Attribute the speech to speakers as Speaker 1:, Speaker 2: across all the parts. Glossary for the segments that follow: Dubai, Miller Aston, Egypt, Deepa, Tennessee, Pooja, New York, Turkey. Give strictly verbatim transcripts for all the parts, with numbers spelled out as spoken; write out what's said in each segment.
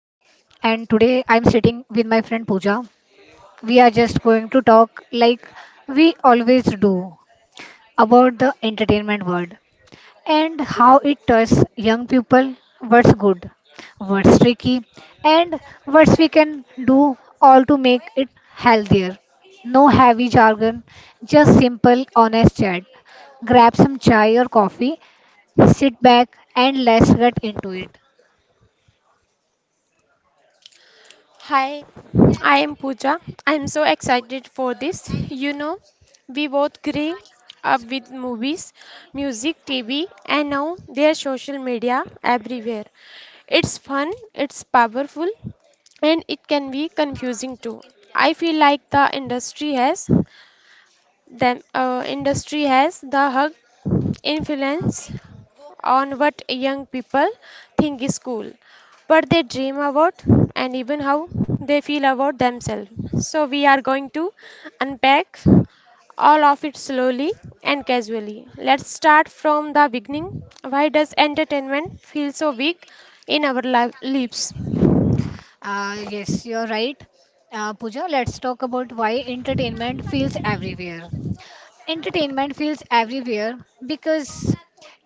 Speaker 1: and today I am sitting with my friend Pooja. We are just going to talk like we always do about the entertainment world and how it touches young people, what's good, what's tricky, and what we can do all to make it healthier. No heavy jargon, just simple, honest chat. Grab some chai or coffee, sit back, and let's get into it.
Speaker 2: Hi, I am Pooja. I am so excited for this. You know, we both grew up with movies, music, T V, and now there's social media everywhere. It's fun, it's powerful, and it can be confusing too. I feel like the industry has the uh, industry has the hug influence on what young people think is cool, what they dream about, and even how they feel about themselves. So, we are going to unpack all of it slowly and casually. Let's start from the beginning. Why does entertainment feel so big in our li- lives?
Speaker 1: Uh, yes, you're right. Uh, Pooja, let's talk about why entertainment feels everywhere. Entertainment feels everywhere because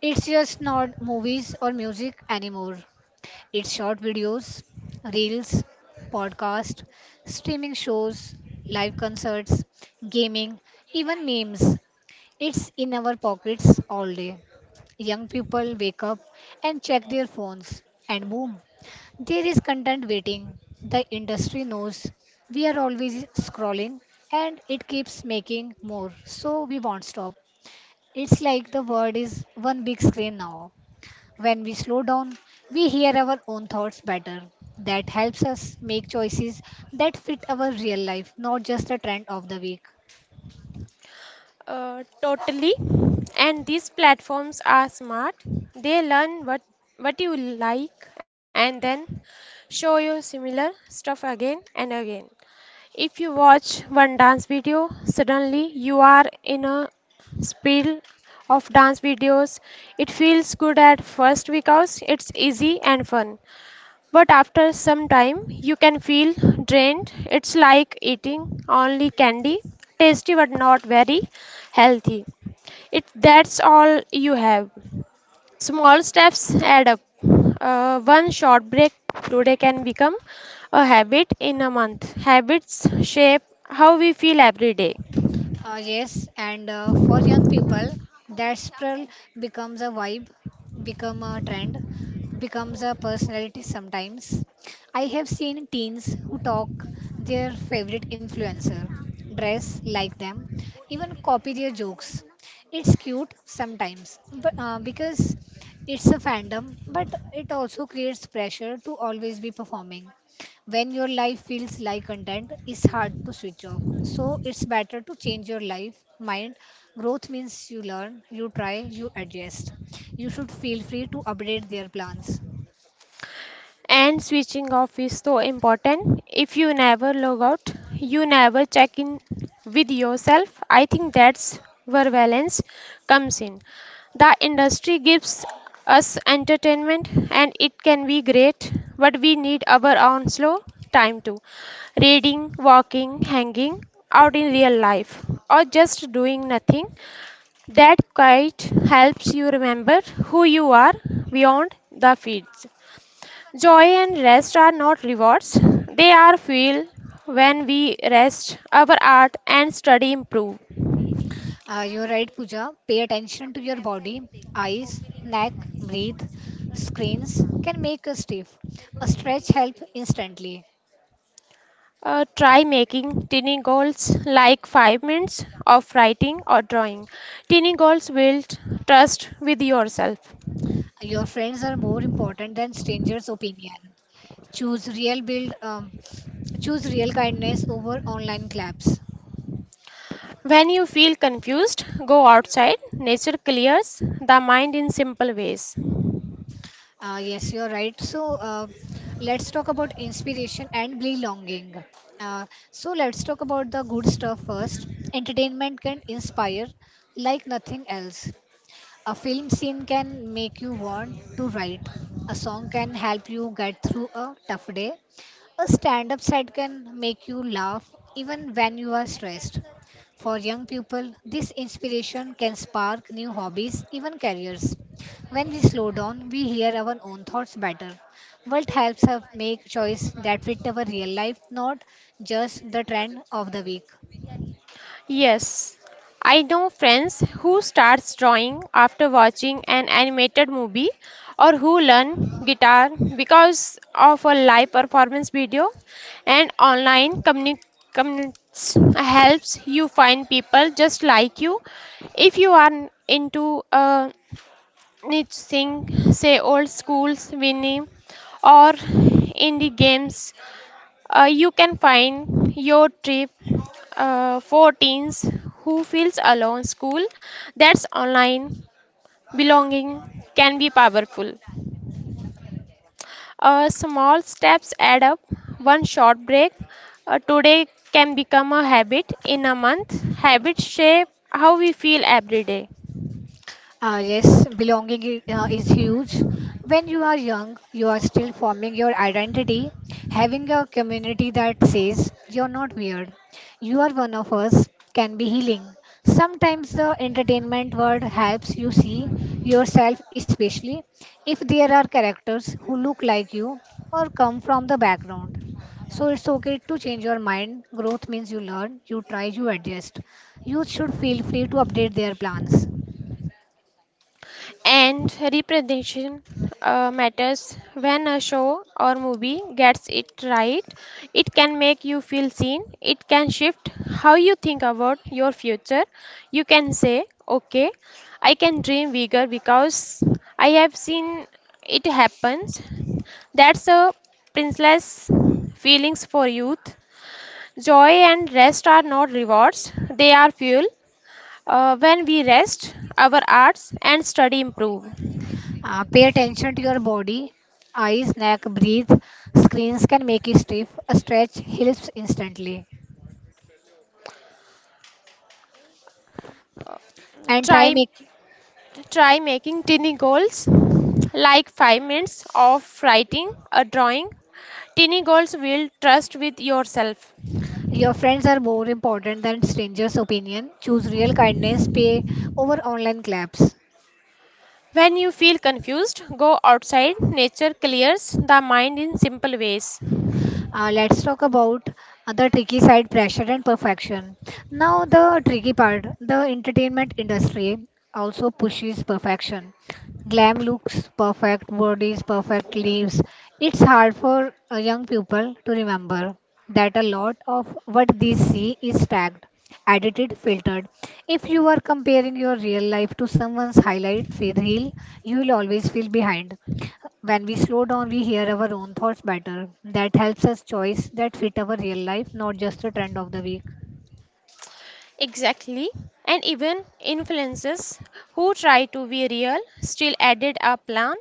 Speaker 1: it's just not movies or music anymore. It's short videos, reels, podcast, streaming shows, live concerts, gaming, even memes. It's in our pockets all day. Young people wake up and check their phones, and boom, there is content waiting. The industry knows we are always scrolling and it keeps making more, so we won't stop. It's like the world is one big screen now. When we slow down, we hear our own thoughts better. That helps us make choices that fit our real life, not just the trend of the week.
Speaker 2: Uh, totally. And these platforms are smart. They learn what what you like and then show you similar stuff again and again. If you watch one dance video, suddenly you are in a spill of dance videos. It feels good at first because it's easy and fun. But after some time, you can feel drained. It's like eating only candy, tasty but not very healthy. It that's all you have. Small steps add up. Uh, one short break today can become a habit in a month. Habits shape how we feel every day.
Speaker 1: Uh, yes, and uh, for young people, that spiral becomes a vibe, become a trend, becomes a personality sometimes. I have seen teens who talk their favorite influencer, dress like them, even copy their jokes. It's cute sometimes, but uh, because it's a fandom, but it also creates pressure to always be performing. When your life feels like content, it's hard to switch off, so it's better to change your life. Mind growth means you learn, you try, you adjust. You should feel free to update their plans.
Speaker 2: And switching off is so important. If you never log out, you never check in with yourself. I think that's where balance comes in. The industry gives us entertainment and it can be great, but we need our own slow time too. Reading, walking, hanging out in real life, or just doing nothing. That quite helps you remember who you are beyond the feeds. Joy and rest are not rewards, they are fuel. When we rest, our art and study improve.
Speaker 1: Uh, you're right, Puja. Pay attention to your body, eyes, neck, breathe. Screens can make us stiff, a stretch helps instantly.
Speaker 2: Uh, try making tiny goals like five minutes of writing or drawing. Tiny goals build trust with yourself.
Speaker 1: Your friends are more important than strangers opinion. choose real build um, Choose real kindness over online claps.
Speaker 2: When you feel confused, go outside. Nature clears the mind in simple ways.
Speaker 1: Uh, yes, you're right. So uh, let's talk about inspiration and belonging. Uh, so let's talk about the good stuff first. Entertainment can inspire like nothing else. A film scene can make you want to write. A song can help you get through a tough day. A stand up set can make you laugh even when you are stressed. For young people, this inspiration can spark new hobbies, even careers. When we slow down, we hear our own thoughts better. What helps us make choice that fit our real life, not just the trend of the week.
Speaker 2: Yes, I know friends who starts drawing after watching an animated movie or who learn guitar because of a live performance video and online communi- communities helps you find people just like you if you are into a Nit Singh, say old schools Winnie, or indie games. Uh, you can find your trip uh, for teens who feels alone. School that's online belonging can be powerful. Uh, small steps add up. One short break uh, today can become a habit in a month. Habits shape how we feel every day. And representation uh, matters. When a show or movie gets it right, it can make you feel seen, it can shift how you think about your future. You can say, okay, I can dream bigger because I have seen it happens. That's a priceless feelings for youth. Joy and rest are not rewards, they are fuel. Uh, when we rest, our arts and study improve. Try try making tiny goals like five minutes of writing a drawing. Tiny goals will trust with yourself. When you feel confused, go outside. Nature clears the mind in simple ways. Exactly. And even influencers who try to be real still added a plan.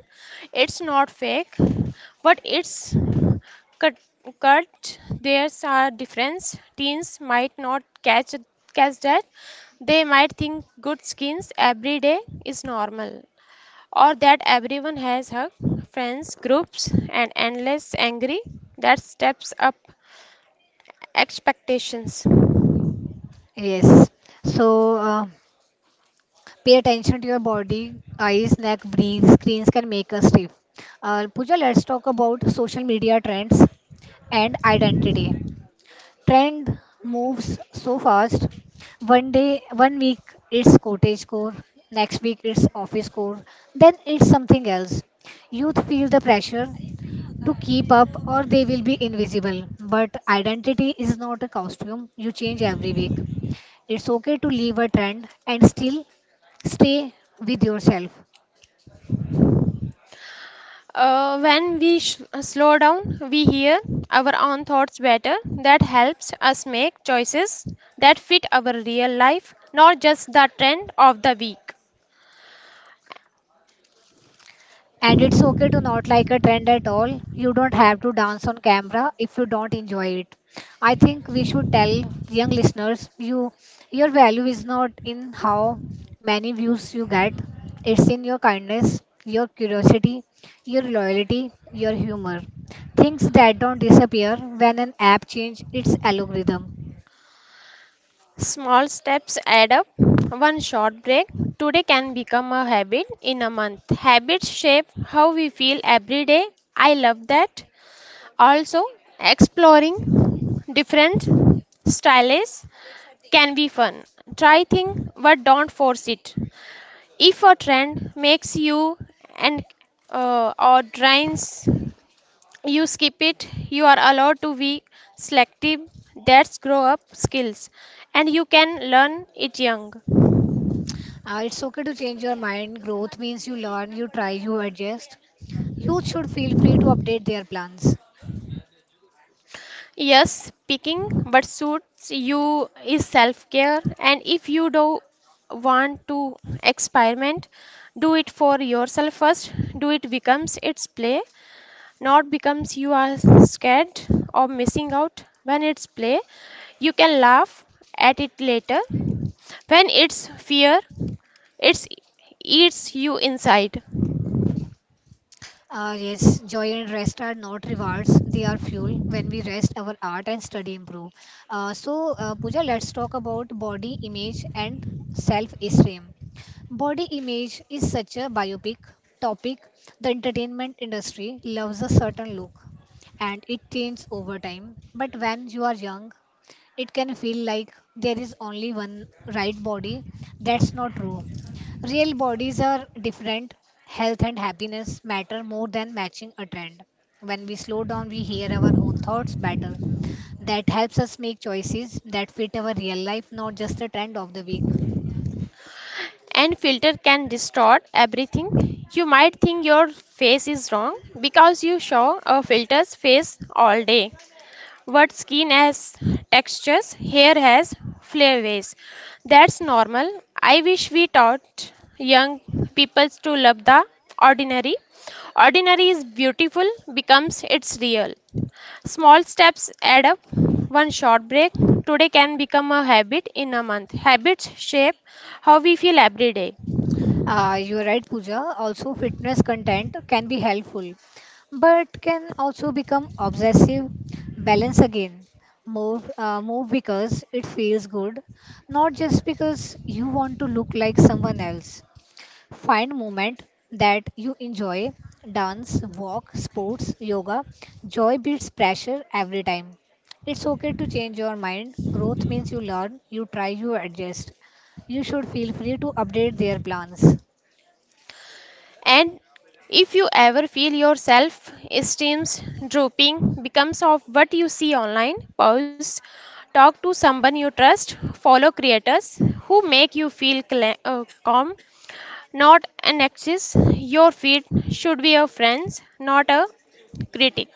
Speaker 2: It's not fake, but it's cut. cut. There's a difference. Teens might not catch catch that. They might think good skins every day is normal, or that everyone has hug, friends, groups, and endless angry. That steps up expectations. Uh, when we sh- slow down, we hear our own thoughts better. That helps us make choices that fit our real life, not just the trend of the week. Small steps add up. One short break today can become a habit in a month. Habits shape how we feel every day. I love that. Also, exploring different styles can be fun. Try things but don't force it. If a trend makes you and uh, or drains you, skip it. You are allowed to be selective. That's grow up skills and you can learn it young. Yes, picking what suits you is self care, and if you do want to experiment, do it for yourself first. Do it becomes its play, not becomes you are scared of missing out. When it's play, you can laugh at it later. When it's fear, it eats you inside. And filter can distort everything. You might think your face is wrong because you show a filter's face all day. What skin has textures, hair has flavors. That's normal. I wish we taught young people to love the ordinary. Ordinary is beautiful, becomes it's real. Small steps add up. One short break today can become a habit in a month. Habits shape how we feel every day. And if you ever feel your self esteem drooping becomes of what you see online, pause, talk to someone you trust, follow creators who make you feel cla uh, calm, not an axis. Your feed should be a friend, not a critic.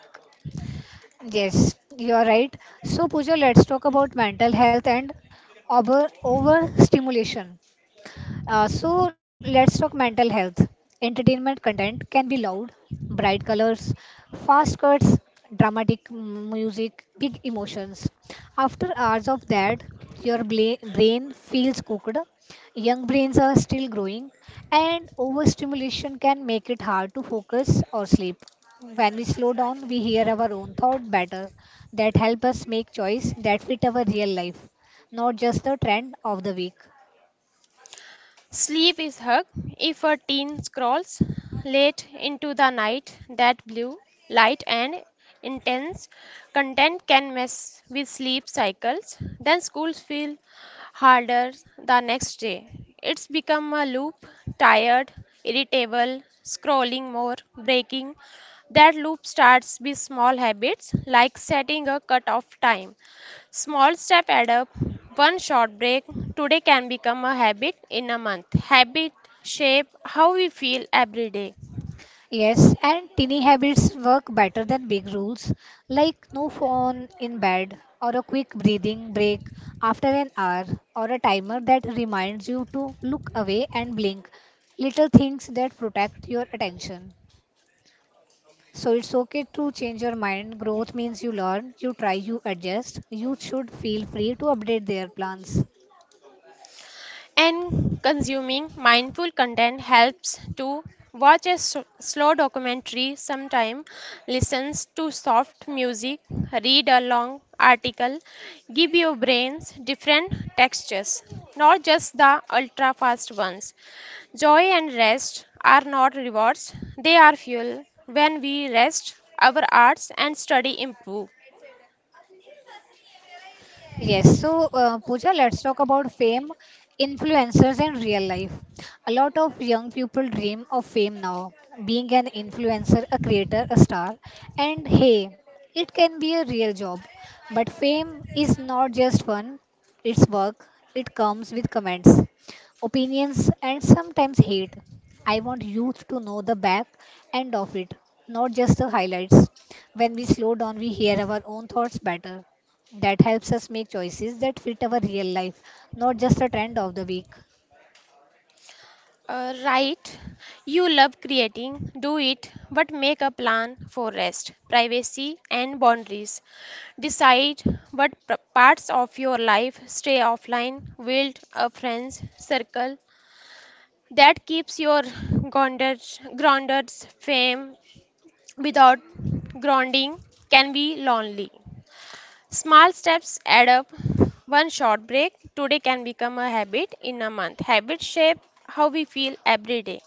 Speaker 2: Sleep is hug if a teen scrolls late into the night. That blue light and intense content can mess with sleep cycles. Then schools feel harder the next day. It's become a loop, tired, irritable, scrolling more, breaking. That loop starts with small habits like setting a cut off time. Small steps add up. One short break today can become a habit in a month. Habit shape how we feel every day. And consuming mindful content helps. To watch a s- slow documentary sometime, listens to soft music, read a long article, give your brains different textures, not just the ultra fast ones. Joy and rest are not rewards, they are fuel. When we rest, our arts and study improve. Uh, right. You love creating, do it, but make a plan for rest, privacy, and boundaries. Decide what p- parts of your life stay offline, build a friends circle that keeps your grounded, grounded fame without grounding can be lonely. Small steps add up. One short break today can become a habit in a month. Habits shape how we feel every day.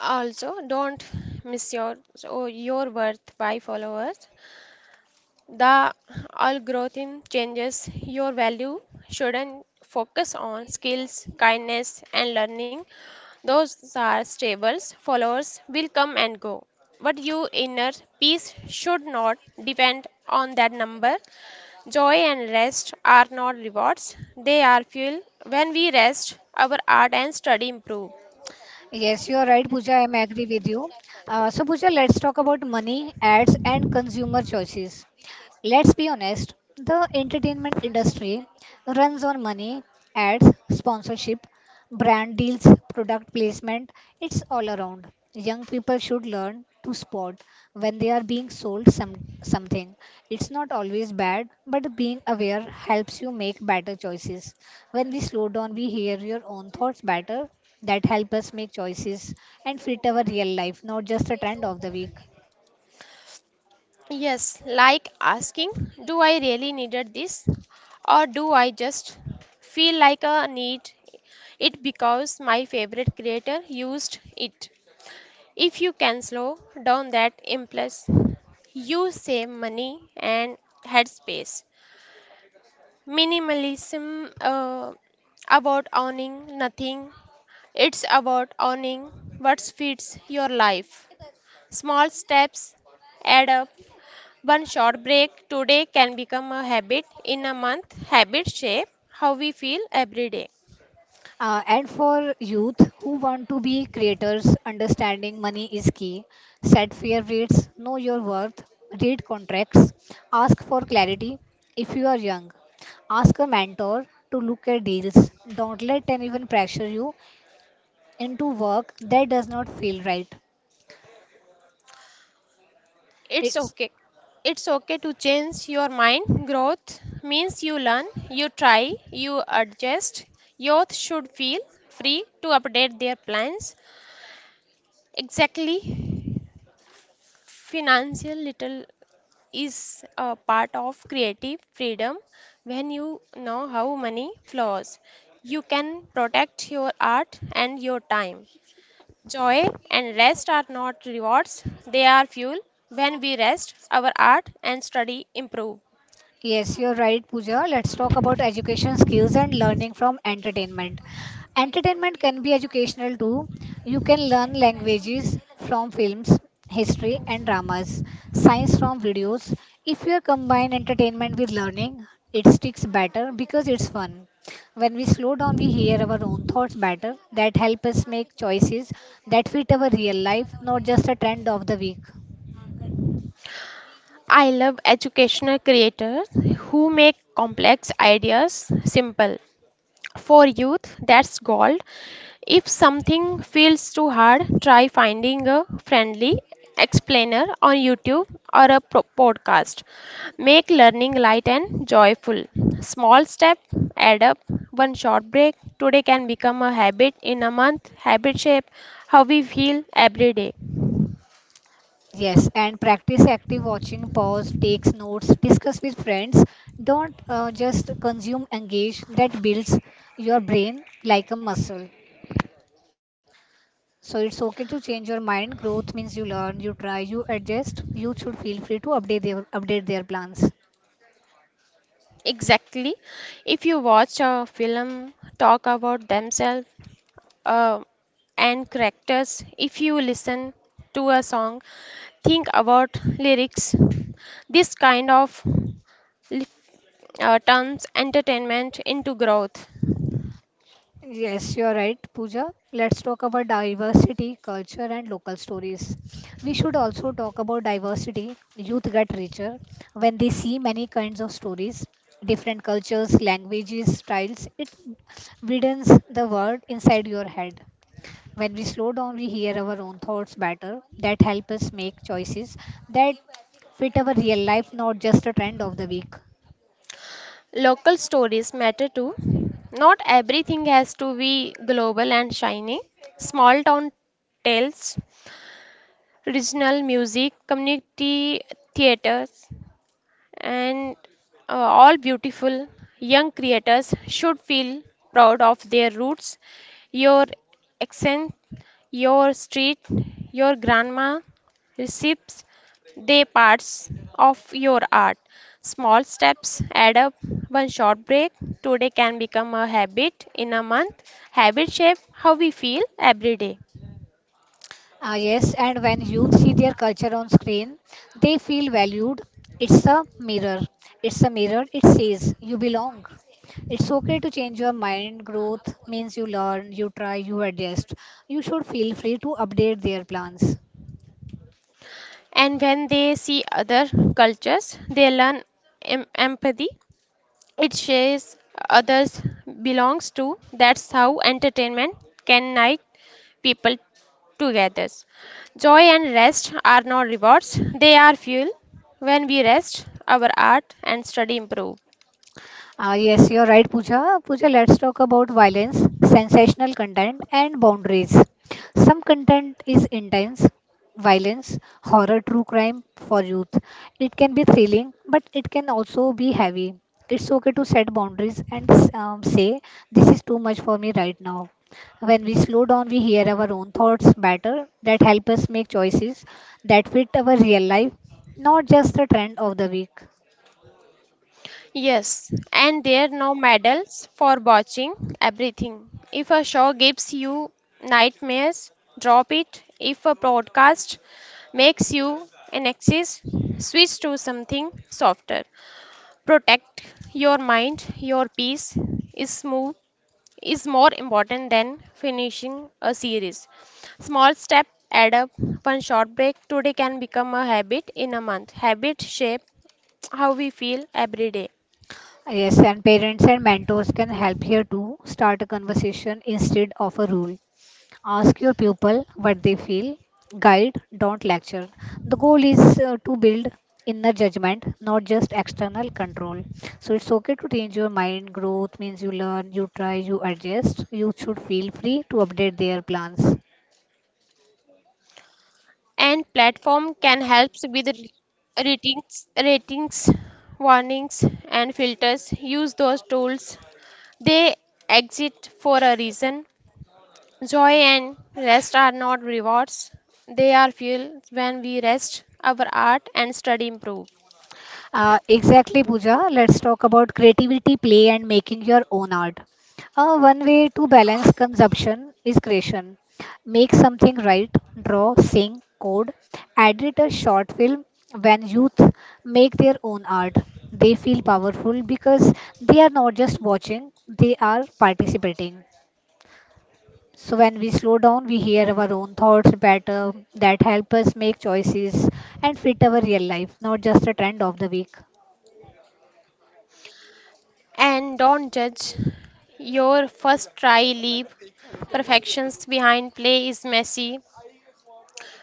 Speaker 2: Also, don't miss your so your worth by followers. The algorithm changes your value shouldn't focus on skills, kindness, and learning. Those are stables. Followers will come and go. But your inner peace should not depend on that number. Joy and rest are not rewards, they are fuel. When we rest, our art and study improve. Yes, like asking, do I really needed this? Or do I just feel like a need it because my favorite creator used it? If you can slow down that impulse, you save money and headspace. Minimalism uh, about owning nothing, it's about owning what fits your life. Small steps add up. One short break today can become a habit in a month. Habit shape how we feel every day. It's okay. It's okay to change your mind. Growth means you learn, you try, you adjust. Youth should feel free to update their plans. Exactly. Financial little is a part of creative freedom when you know how money flows. You can protect your art and your time. Joy and rest are not rewards, they are fuel. When we rest, our art and study improve. I love educational creators who make complex ideas simple. For youth, that's gold. If something feels too hard, try finding a friendly explainer on YouTube or a pro- podcast. Make learning light and joyful. Small step add up. One short break today can become a habit in a month. Habit shape how we feel every day. Exactly. If you watch a film, talk about themselves, uh, and characters. If you listen to a song, think about lyrics. This kind of li- uh, turns entertainment into growth. Local stories matter too. Not everything has to be global and shiny. Small town tales, regional music, community theaters, and uh, all beautiful young creators should feel proud of their roots. Your accent, your street, your grandma receives they parts of your art. Small steps add up. One short break today can become a habit in a month. Habit shape how we feel every day. And when they see other cultures, they learn em- empathy. It shares others belongs to. That's how entertainment can unite people together. Joy and rest are not rewards, they are fuel. When we rest, our art and study improve. Yes, and there are no medals for watching everything. If a show gives you nightmares, drop it. If a broadcast makes you anxious, switch to something softer. Protect your mind. Your peace is smooth is more important than finishing a series. Small step add up. One short break today can become a habit in a month. Habit shape how we feel every day. And platform can help with r- ratings, ratings warnings, and filters. Use those tools, they exist for a reason. Joy and rest are not rewards, they are fuel. When we rest, our art and study improve. And don't judge your first try, leave perfections behind. Play is messy.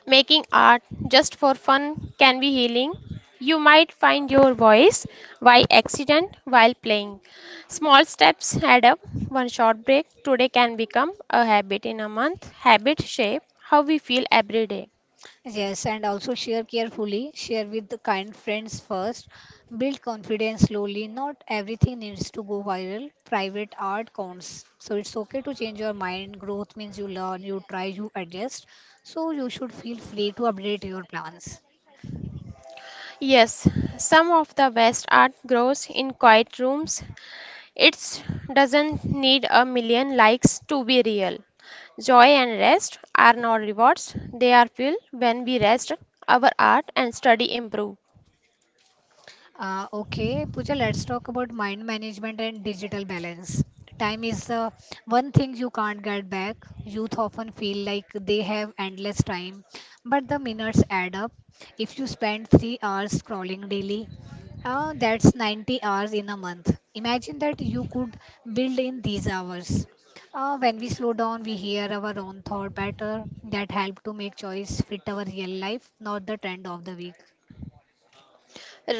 Speaker 2: Making art just for fun can be healing. You might find your voice by accident while playing. Small steps add up. One short break today can become a habit in a month. Habit shape how we feel every day. Yes, some of the best art grows in quiet rooms. It doesn't need a million likes to be real. Joy and rest are not rewards, they are fuel. When we rest, our art and study improve.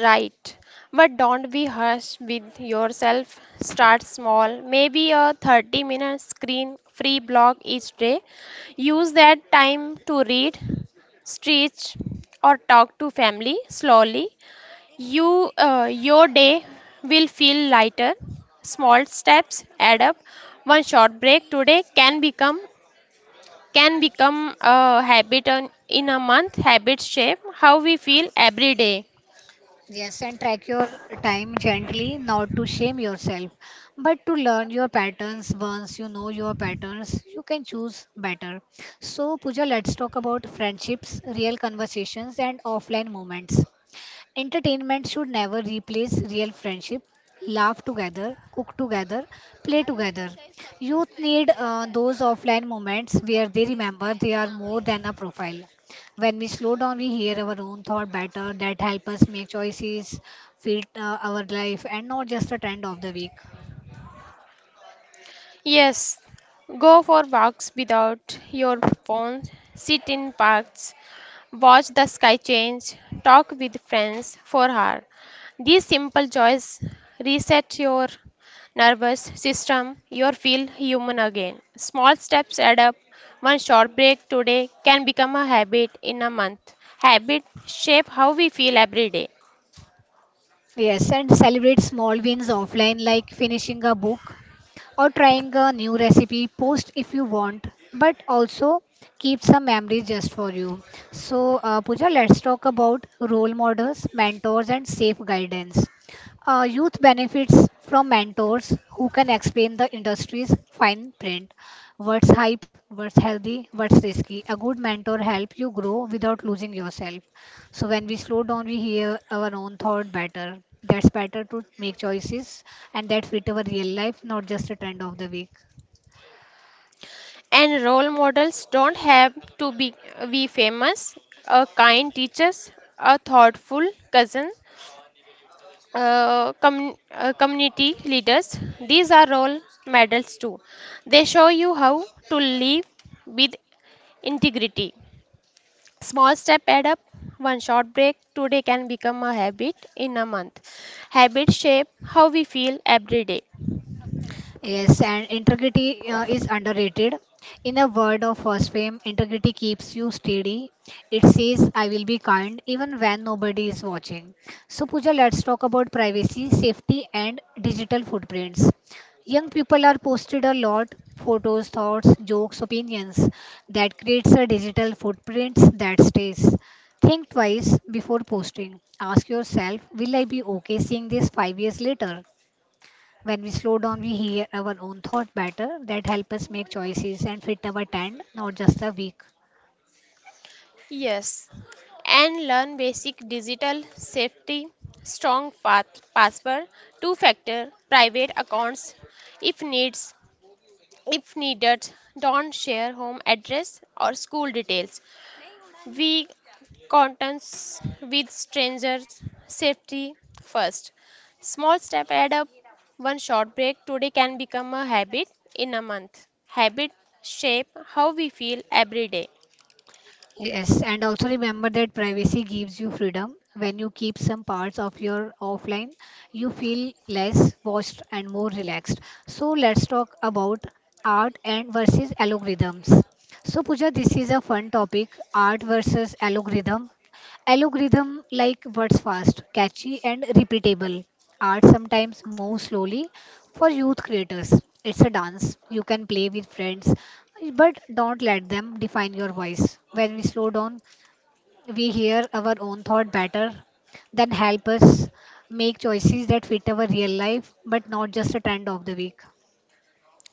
Speaker 2: Right, but don't be harsh with yourself. Start small, maybe a thirty minute screen free block each day. Use that time to read, stretch, or talk to family slowly. You, uh, your day will feel lighter. Small steps add up. One short break today can become can become a habit on, in a month. Habits shape how we feel every day. Yes, go for walks without your phone, sit in parks, watch the sky change, talk with friends for hours. These simple joys reset your nervous system, you feel human again. Small steps add up. One short break today can become a habit in a month. Habit shape how we feel every day. And role models don't have to be, be famous. A kind teachers, a thoughtful cousin, uh, com- uh, community leaders, these are role models too. They show you how to live with integrity. Small step add up. One short break today can become a habit in a month. Habits shape how we feel every day. Yes, and learn basic digital safety, strong path, password, two-factor, private accounts, if needs, if needed, don't share home address or school details. We contents with strangers, safety first. Small step add up. One short break today can become a habit in a month. Habit shape how we feel every day.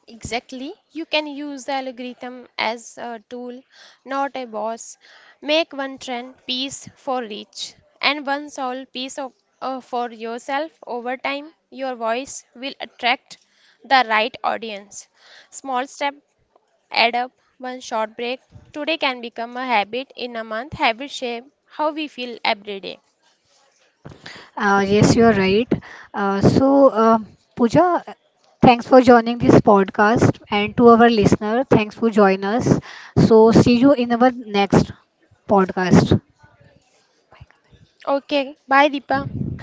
Speaker 2: Exactly. You can use the algorithm as a tool, not a boss. Make one trend piece for each and one sole piece of, uh, for yourself. Over time, your voice will attract the right audience. Small step add up. One short break. Today can become a habit in a month. Habit shape how we feel every day. Okay. Bye, Deepa.